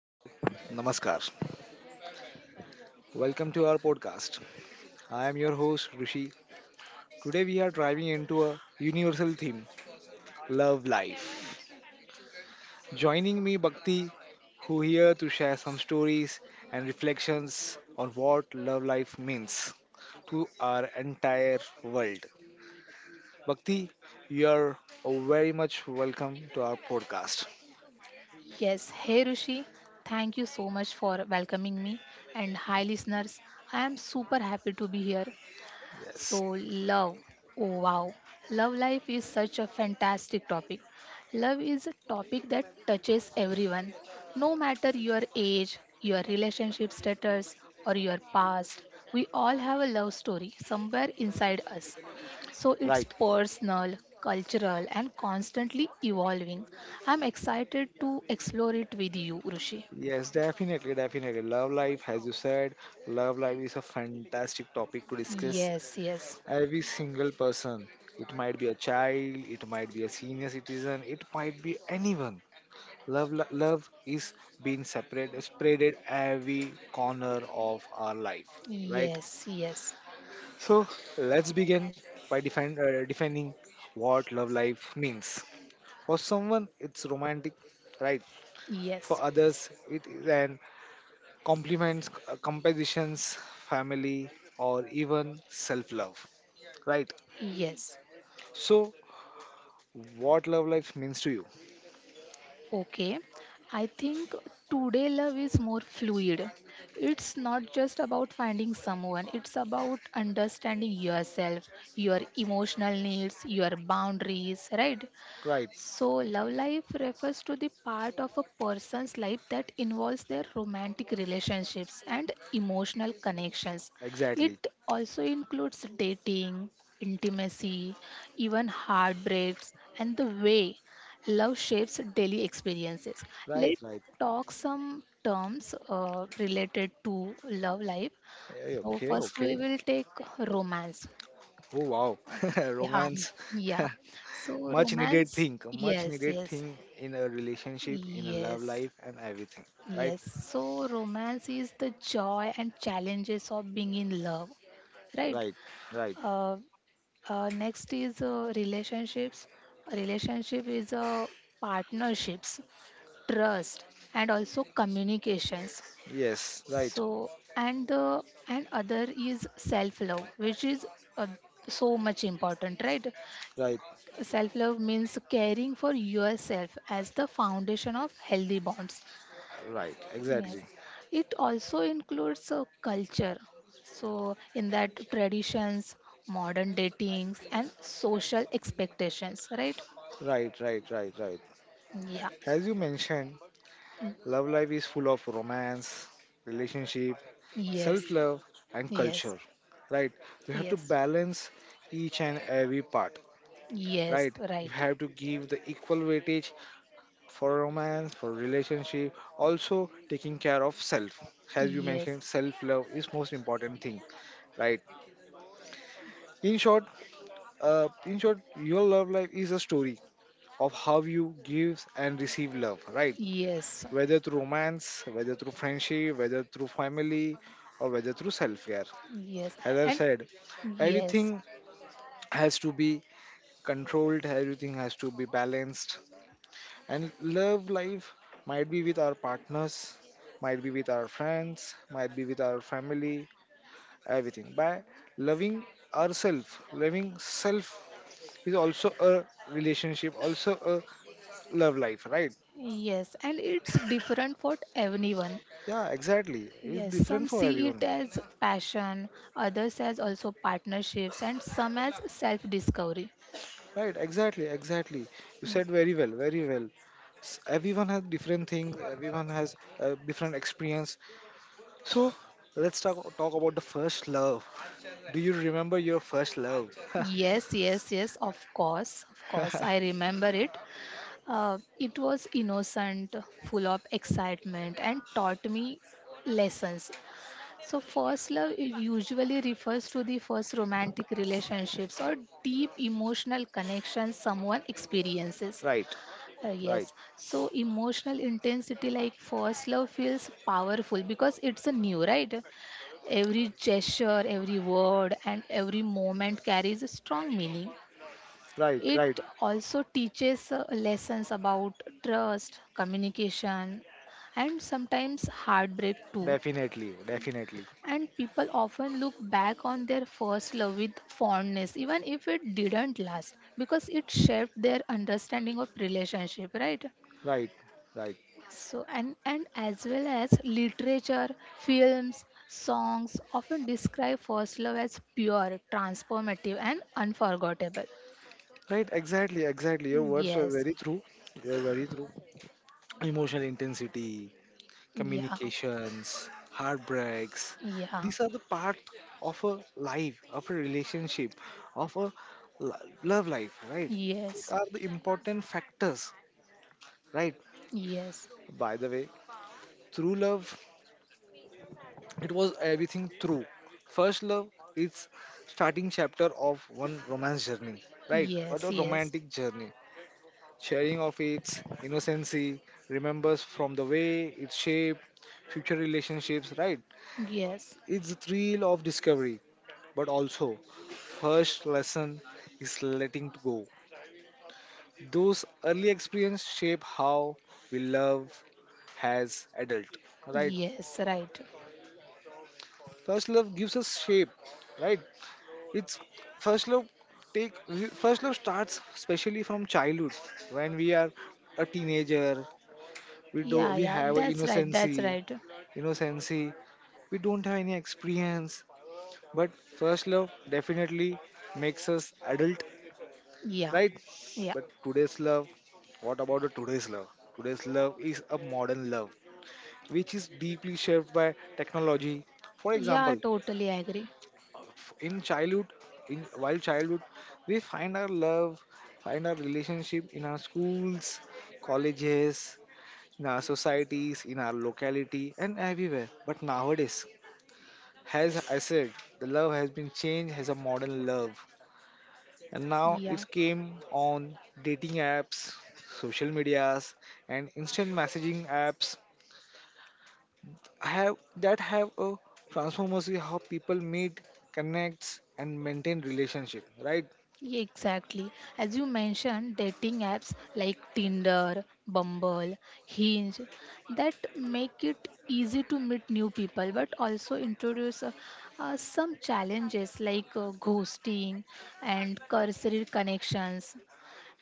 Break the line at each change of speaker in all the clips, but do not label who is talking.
hello, namaskar. Welcome to our podcast. I am your host Rishi. Today we are driving into a universal theme, love life. Joining me Bhakti, who here to share some stories and reflections on what love life means to our entire world. Bhakti, you are very much welcome to our podcast.
Yes, hey Rishi, thank you so much for welcoming me. And hi, listeners, I am super happy to be here.
Yes.
So, love. Oh, wow. Love life is such a fantastic topic. Love is a topic that touches everyone, no matter your age, your relationship status, or your past. We all have a love story somewhere inside us. So, it's
Right.
personal, cultural, and constantly evolving. I'm excited to explore it with you, Rishi.
Yes, definitely, definitely. Love life, as you said, love life is a fantastic topic to discuss.
Yes, yes,
Every single person, it might be a child, it might be a senior citizen, it might be anyone. Love, love is being separated, spreaded every corner of our life, right?
yes, yes,
So let's begin by defining what love life means. For someone, it's romantic, right? For
yes,
others, it is an compliments, compositions, family, or even self love. Right.
yes.
So, what love life means to you?
Okay, I think today love is more fluid. It's not just about finding someone, it's about understanding yourself, your emotional needs, your boundaries, right?
Right.
So, love life refers to the part of a person's life that involves their romantic relationships and emotional connections.
Exactly.
It also includes dating, intimacy, even heartbreaks, and the way love shapes daily experiences.
Right.
Let's
Right.
talk some terms related to love life. So,
Okay.
first we
Okay.
will take romance.
Oh wow.
Yeah,
Romance.
yeah. So,
much needed
romance.
thing. Much
Yes,
needed
yes.
thing in a relationship, in a love
Yes,
life, and everything. Right.
yes. So, romance is the joy and challenges of being in love, right?
Right. Right.
Uh, Next is relationships. Relationship is partnerships, trust, and also communications.
Yes. Right.
So, and the and other is self-love, which is uh, so much important, right?
Right.
Self-love means caring for yourself as the foundation of healthy bonds.
Right.
Yes,
Exactly.
it also includes culture. So, in that traditions, modern datings, and social expectations, right?
Right. Right. Right. Right.
Yeah.
As you mentioned,
Mm,
love life is full of romance, relationship, self
yes.
love, and
Yes.
culture. Right? We have to
Yes.
balance each and every part.
Yes.
Right? You
Right.
have to give the equal weightage for romance, for relationship, also taking care of self. As you
Yes.
mentioned, self love is most important thing. Right? In short, in short, your love life is a story of how you give and receive love. Right?
Yes.
Whether through romance, whether through friendship, whether through family, or whether through self care.
Yes.
As I
And
said,
yes.
everything has to be controlled, everything has to be balanced. And love life might be with our partners, might be with our friends, might be with our family, everything. By loving ourselves, loving self is also a relationship, also a love life, right?
Yes. And it's different for everyone.
Yeah, exactly. It's
Yes.
different
Some
for
see it
everyone.
as passion, others as also partnerships, and some as self discovery.
Right, exactly, exactly. You said very well, very well. S- Everyone has different things, everyone has a different experience. So, let's talk about the first love. Do you remember your first love?
Yes, yes, yes, of course, of course. I remember it. It was innocent, full of excitement, and taught me lessons. So, first love it usually refers to the first romantic relationships or deep emotional connections someone experiences.
Right,
Uh,
right,
yes, so emotional intensity like first love feels powerful because it's a new, right? Every gesture, every word, and every moment carries a strong meaning.
right,
It
right.
also teaches lessons about trust, communication, and sometimes heartbreak too.
Definitely, definitely.
And people often look back on their first love with fondness, even if it didn't last, because it shaped their understanding of relationship, right?
Right, right.
So and as well as literature, films, songs often describe first love as pure, transformative, and unforgettable.
Right, exactly, exactly. Your words were
Yes.
very true. You're very true. Emotional intensity,
Yeah.
communications, heartbreaks.
Yeah.
These are the part of a life, of a relationship, of a love life, right? These
Yes.
are the important factors, right?
Yes.
By the way, through love, it was everything through. First love is starting chapter of one romance journey, right? Or the
Yes. Yes.
romantic journey. Sharing of its innocency, remembers from the way it shaped future relationships, right?
Yes.
It's the thrill of discovery but also first lesson is letting to go. Those early experiences shape how we love as adult, right?
Yes. Right.
First love gives us shape, right? It's first love take first love starts especially from childhood when we are a teenager.
Yeah.
We
Yeah.
have a
That's right.
innocency,
That's right.
innocency. We don't have any experience, but first love definitely makes us adult
Yeah.
right?
Yeah.
But today's love, what about the today's love? Today's love is a modern love, which is deeply shaped by technology. For
Yeah. I
example,
totally agree.
in childhood, in while childhood, we find our love, find our relationship in our schools, colleges, in our societies, in our locality, and everywhere. But nowadays, as I said, the love has been changed as a modern love. And now it's
Yeah.
came on dating apps, social medias, and instant messaging apps have a transformative how people meet, connects, and maintain relationship, right?
Yeah, exactly. As you mentioned, dating apps like Tinder, Bumble, Hinge that make it easy to meet new people but also introduce some challenges like ghosting and cursory connections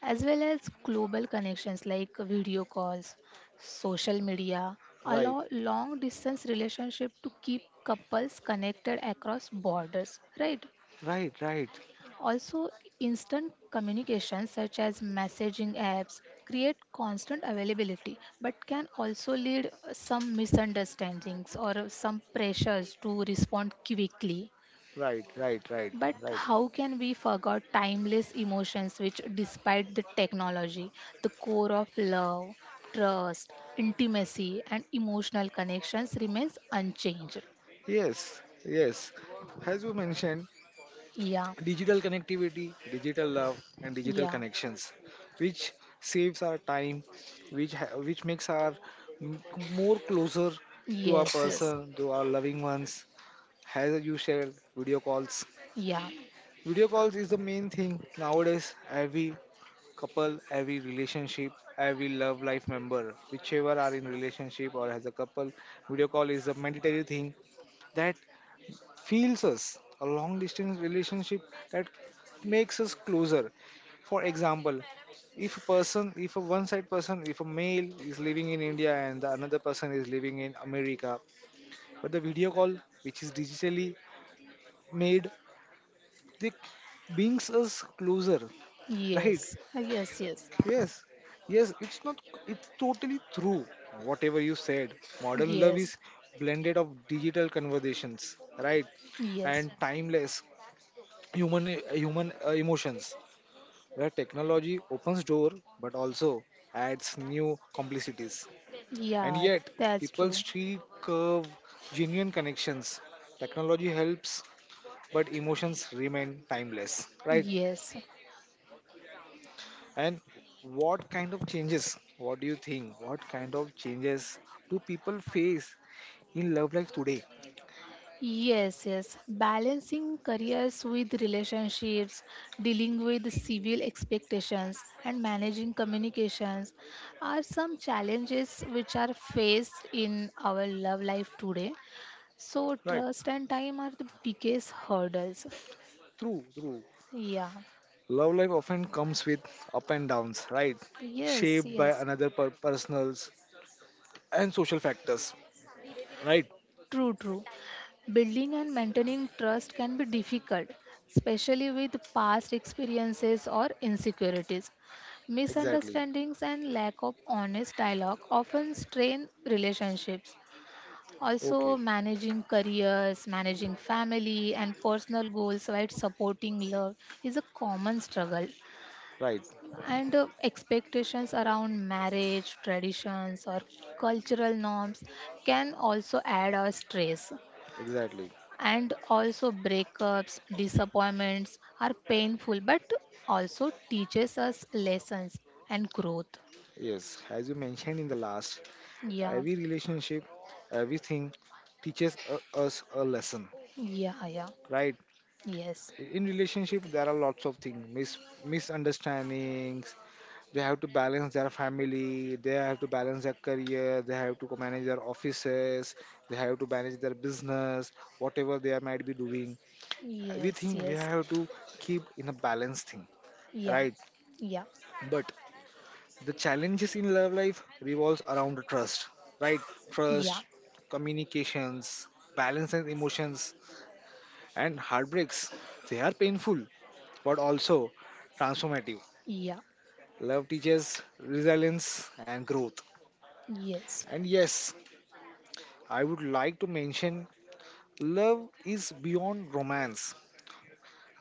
as well as global connections like video calls, social media
Right,
allow long distance relationship to keep couples connected across borders, right?
right, right,
Also, instant communication such as messaging apps create constant availability but can also lead some misunderstandings or some pressures to respond quickly.
right, right, right,
But
right.
how can we forget timeless emotions which despite the technology, the core of love, trust, intimacy and emotional connections remains unchanged.
Yes, yes, as you mentioned,
Yeah.
digital connectivity, digital love, and digital
Yeah.
connections, which saves our time, which makes our m- more closer to our
Yes, yes.
person, to our loving ones. As you shared, video calls.
Yeah.
Video calls is the main thing nowadays. Every couple, every relationship, every love life member, whichever are in relationship or as a couple, video call is a mandatory thing that feels us. A long distance relationship that makes us closer. For example, if a person, if a one side person, if a male is living in India and the another person is living in America, but the video call, which is digitally made, they brings us closer, right?
Yes. Yes, yes.
Yes, yes, it's not, it's totally true. Whatever you said, modern love is
Yes,
blended of digital conversations, right?
yes,
And timeless human human emotions where technology opens door but also adds new complexities, and
yeah,
yet
that's
people
true.
still curve genuine connections. Technology helps but emotions remain timeless, right?
Yes,
And what kind of changes, what do you think, what kind of changes do people face in love life today?
yes, yes. Balancing careers with relationships, dealing with civil expectations, and managing communications are some challenges which are faced in our love life today. So,
Right,
trust and time are the biggest hurdles.
true, true.
Yeah,
Love life often comes with up and downs, right?
yes,
Shaped by
yes.
another personal and social factors, right?
True, true. Building and maintaining trust can be difficult, especially with past experiences or insecurities.
Exactly.
Misunderstandings and lack of honest dialogue often strain relationships. Also,
Okay.
managing careers, managing family, and personal goals while supporting love is a common struggle.
Right.
And expectations around marriage, traditions, or cultural norms can also add our stress.
Exactly.
And also breakups, disappointments are painful but also teaches us lessons and growth.
Yes, as you mentioned in the last,
Yeah,
every relationship, everything teaches us a lesson,
yeah, yeah,
right?
yes,
In relationship there are lots of things misunderstandings, they have to balance their family, they have to balance their career, they have to manage their offices, they have to manage their business, whatever they might be doing.
yes,
Everything we
yes,
have to keep in a balanced thing,
yeah,
right?
yeah,
But the challenges in love life revolves around trust, right?
yeah,
Trust, communications, balance and emotions, and heartbreaks. They are painful, but also transformative.
yeah,
Love teaches resilience and growth.
yes,
And yes, I would like to mention love is beyond romance.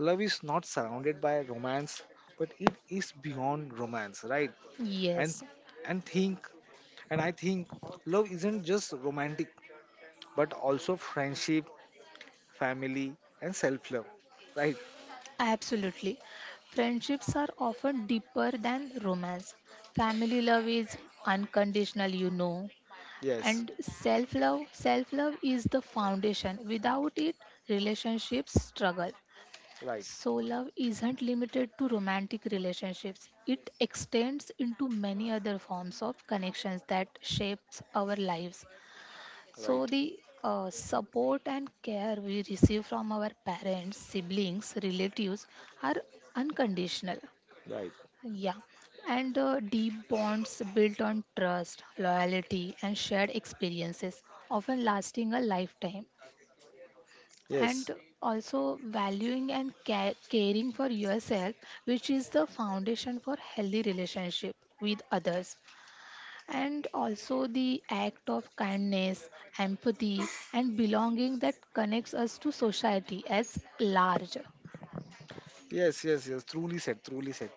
Love is not surrounded by romance, but it is beyond romance, right? And
yes.
and think and I think love isn't just romantic but also friendship, family, and self love. Right?
Absolutely, friendships are often deeper than romance. Family love is unconditional.
Yes.
And self love is the foundation. Without it, relationships struggle.
Right.
So, love isn't limited to romantic relationships, it extends into many other forms of connections that shapes our lives. So,
Right.
the support and care we receive from our parents, siblings, relatives are unconditional.
Right.
Yeah, and the deep bonds built on trust, loyalty, and shared experiences, often lasting a lifetime.
Yes.
And also valuing and caring for yourself, which is the foundation for healthy relationship with others. And also the act of kindness, empathy, and belonging that connects us to society as large.
Yes. Yes. Yes. Truly said. Truly said.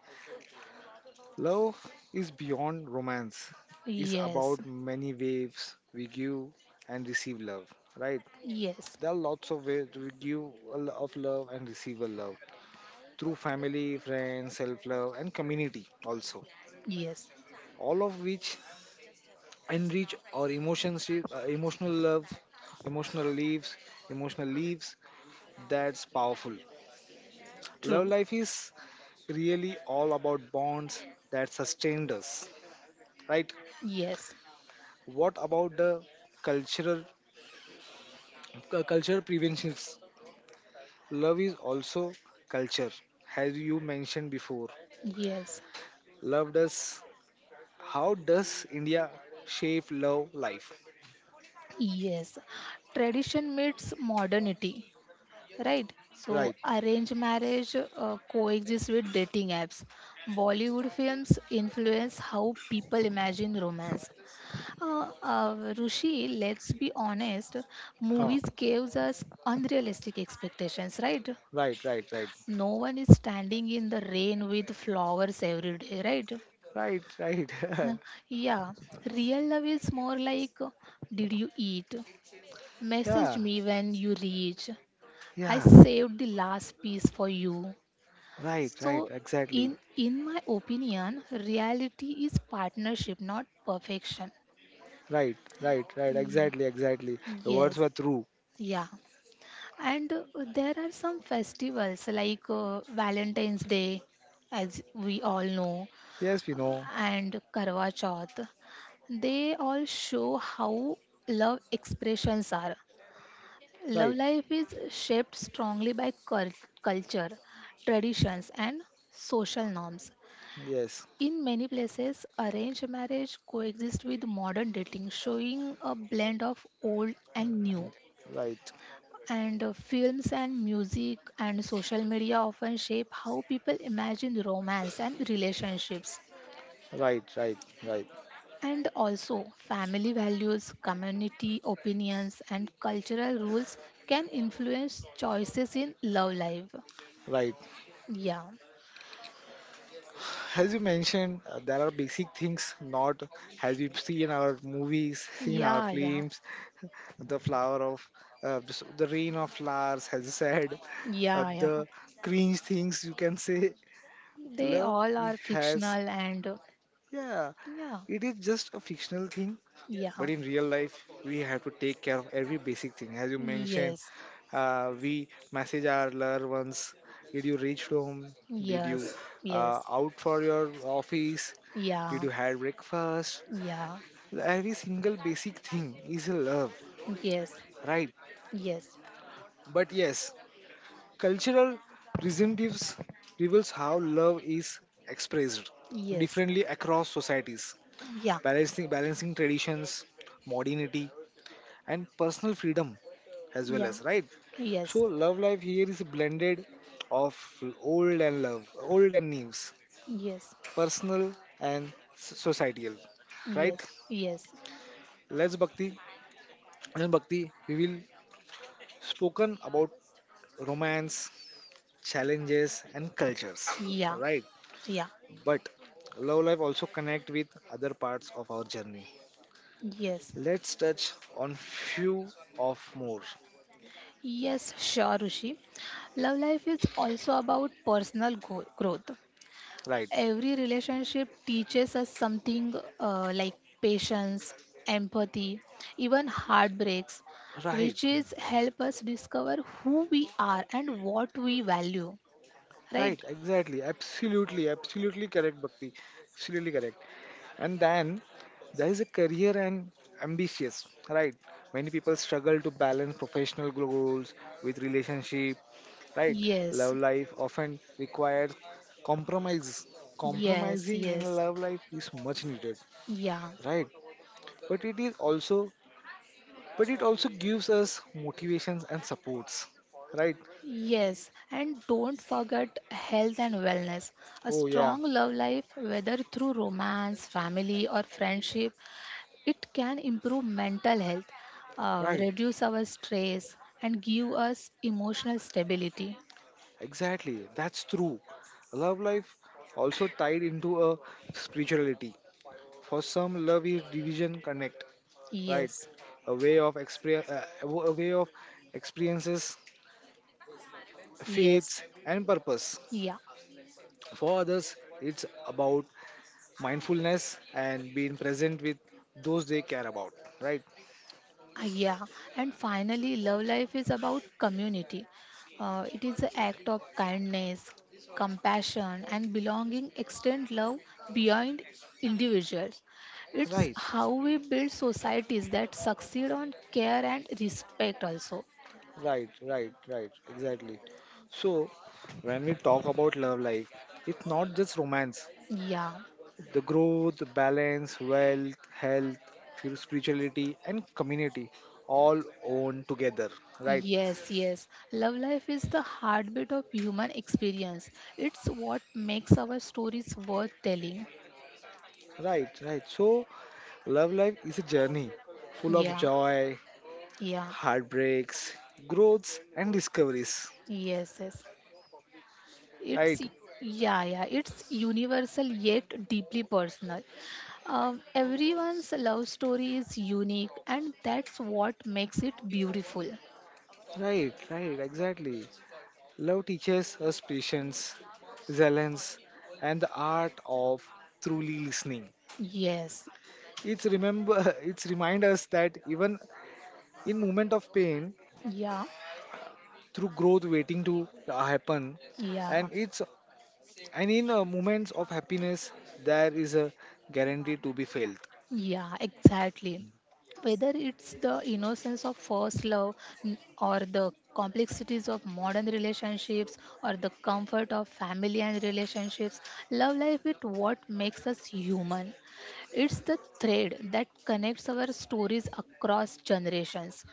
Love is beyond romance. It's
Yes,
about many waves we give and receive love. Right?
yes,
There are lots of ways we give a of love and receive a love through family, friends, self love, and community also.
yes,
All of which enrich our emotions, emotional love, emotional leaves, emotional leaves. That's powerful.
true.
Love life is really all about bonds that sustained us, right?
Yes.
What about the cultural culture preventions? Love is also culture, as you mentioned before.
Yes,
Love does. How does India shape love life?
yes. Tradition meets modernity, right? So,
Right.
arranged marriage coexists with dating apps. Bollywood films influence how people imagine romance. Rushi, let's be honest,
Huh.
movies gives us unrealistic expectations, right?
Right. Right. Right.
No one is standing in the rain with flowers every day, right?
Right. Right.
Huh, yeah, real love is more like, did you eat? Message
Yeah.
me when you reach. I
Yeah.
saved the last piece for you.
Right, right,
So
exactly.
in my opinion, reality is partnership, not perfection.
Right, right, right,
Ye-
exactly, exactly. The words
Yes,
were true.
yeah. And there are some festivals like Valentine's Day, as we all know,
Yes, we know.
and Karwa Chauth. They all show how love expressions are.
Right,
Love life is shaped strongly by culture, traditions, and social norms.
yes.
In many places, arranged marriage coexists with modern dating, showing a blend of old and new.
Right,
And films and music and social media often shape how people imagine romance and relationships.
right, right, right,
And also, family values, community opinions, and cultural rules can influence choices in love life.
right.
Yeah,
As you mentioned, there are basic things not as we see in our movies, in our
yeah, yeah,
films, the flower of the rain of flowers, as you said,
yeah, yeah.
the cringe things you can say.
They
Love
all
it
are
has,
fictional and
yeah,
yeah,
it is just a fictional thing, but
yeah,
in real life we have to take care of every basic thing. As you mentioned,
yes,
we message our loved ones, did you reach home, did you
yes, yes,
out for your office, did
yeah,
you have breakfast,
yeah,
every single basic thing is a love,
yes,
right?
yes,
But yes, cultural representatives reveals how love is expressed
yes,
differently across societies,
yeah,
balancing traditions, modernity, and personal freedom as well,
yeah,
as right. So
yes,
love life here is blended of old and love, old and news,
yes,
personal and societal. Right?
yes, yes,
Let's Bhakti and Bhakti, we will spoken about romance, challenges and cultures.
yeah,
Right?
yeah,
But love life also connect with other parts of our journey.
yes,
Let's touch on few of more.
yes, sure, Rishi. Love life is also about personal growth.
Right.
Every relationship teaches us something like patience, empathy, even heartbreaks,
Right.
which is help us discover who we are and what we value. Right?
Right. Exactly. Absolutely. Absolutely correct, Bhakti. Absolutely correct. And then there is a career and ambitious, right? Many people struggle to balance professional goals with relationship, right?
Yes.
Love life often requires compromises,
Yes.
compromising in
Yes.
love life is much needed,
Yeah.
right? But it is also, but it also gives us motivations and supports, right?
Yes, and don't forget health and wellness. A
Oh yeah.
strong love life, whether through romance, family, or friendship, it can improve mental health,
Right.
reduce our stress, and give us emotional stability.
Exactly, that's true. Love life also tied into a spirituality. For some, love is division connect, right?
Yes,
A way of experience, a way of experiences,
yes,
faiths, and purpose.
yeah,
For others, it's about mindfulness and being present with those they care about, right?
yeah. And finally, love life is about community. It is an act of kindness, compassion, and belonging. Extend love beyond individuals. It's
Right,
how we build societies that succeed on care and respect, also.
right, right, right, exactly. So, when we talk about love life, it's not just romance.
Yeah.
The growth, balance, wealth, health, spirituality, and community all own together, right?
Yes, yes. Love life is the heartbeat of human experience. It's what makes our stories worth telling.
Right, right. So, love life is a journey full of
Yeah,
joy,
yeah,
heartbreaks, growths, and discoveries.
yes, yes. It's
Right,
Yeah, yeah. It's universal yet deeply personal. Everyone's love story is unique, and that's what makes it beautiful.
right, right. Exactly. Love teaches us patience, resilience, and the art of truly listening.
Yes,
It's remember. It's remind us that even in moment of pain,
yeah,
through growth waiting to happen,
yeah.
and it's and in moments of happiness, there is a guarantee to be felt.
Yeah, exactly. Whether it's the innocence of first love or the complexities of modern relationships or the comfort of family and relationships, love life is what makes us human. It's the thread that connects our stories across generations.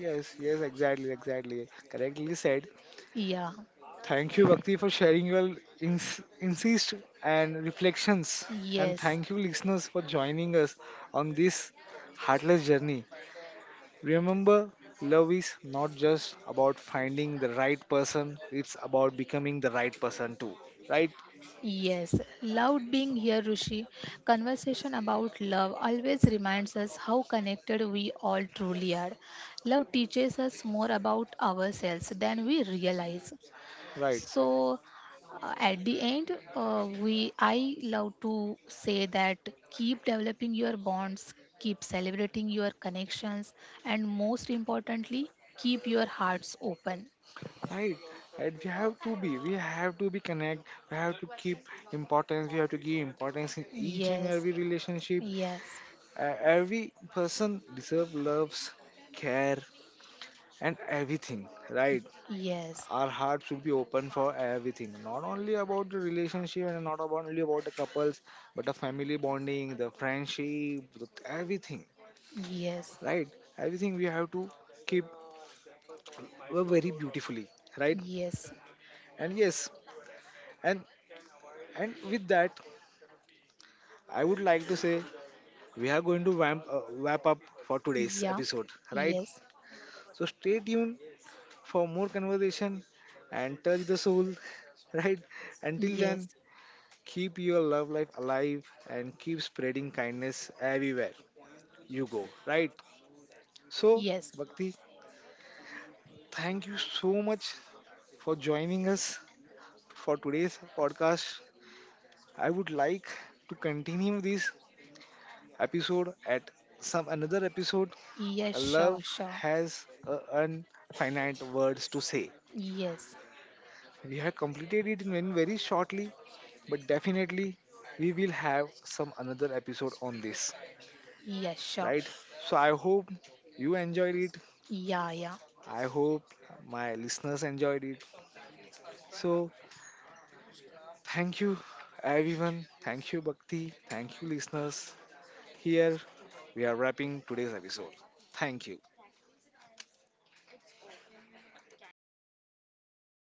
Yes, yes, exactly, exactly. Correctly said.
Yeah,
Thank you, Bhakti, for sharing your insights and reflections. And
yes.
thank you, listeners, for joining us on this heartless journey. Remember, love is not just about finding the right person, it's about becoming the right person too. Right?
Yes, loved being here, Rishi. Conversation about love always reminds us how connected we all truly are. Love teaches us more about ourselves than we realize.
Right.
So, at the end, we I love to say that keep developing your bonds, keep celebrating your connections, and most importantly, keep your hearts open.
Right. And we have to be connect, we have to keep importance, we have to give importance in each and
Yes,
every relationship.
yes,
Every person deserves loves, care, and everything, right?
yes,
Our heart should be open for everything, not only about the relationship and not about only about the couples, but the family bonding, the friendship, the everything,
yes.
right? Everything we have to keep, very beautifully, right?
Yes.
And yes and and with that I would like to say we are going to wrap up for today's
Yeah.
episode, right?
Yes.
So stay tuned for more conversation and touch the soul, right? Until then,
Yes.
keep your love life alive and keep spreading kindness everywhere you go, right? So,
Yes.
Bhakti, thank you so much for joining us for today's podcast. I would like to continue this episode at some another episode.
Yes, sure,
Love
sure.
has infinite words to say.
Yes.
We have completed it in very very shortly, but definitely we will have some another episode on this,
Yes, sure.
right? So I hope you enjoyed it,
Yeah, yeah.
I hope my listeners enjoyed it, so thank you everyone, thank you Bhakti, thank you listeners, here we are wrapping today's episode, thank you.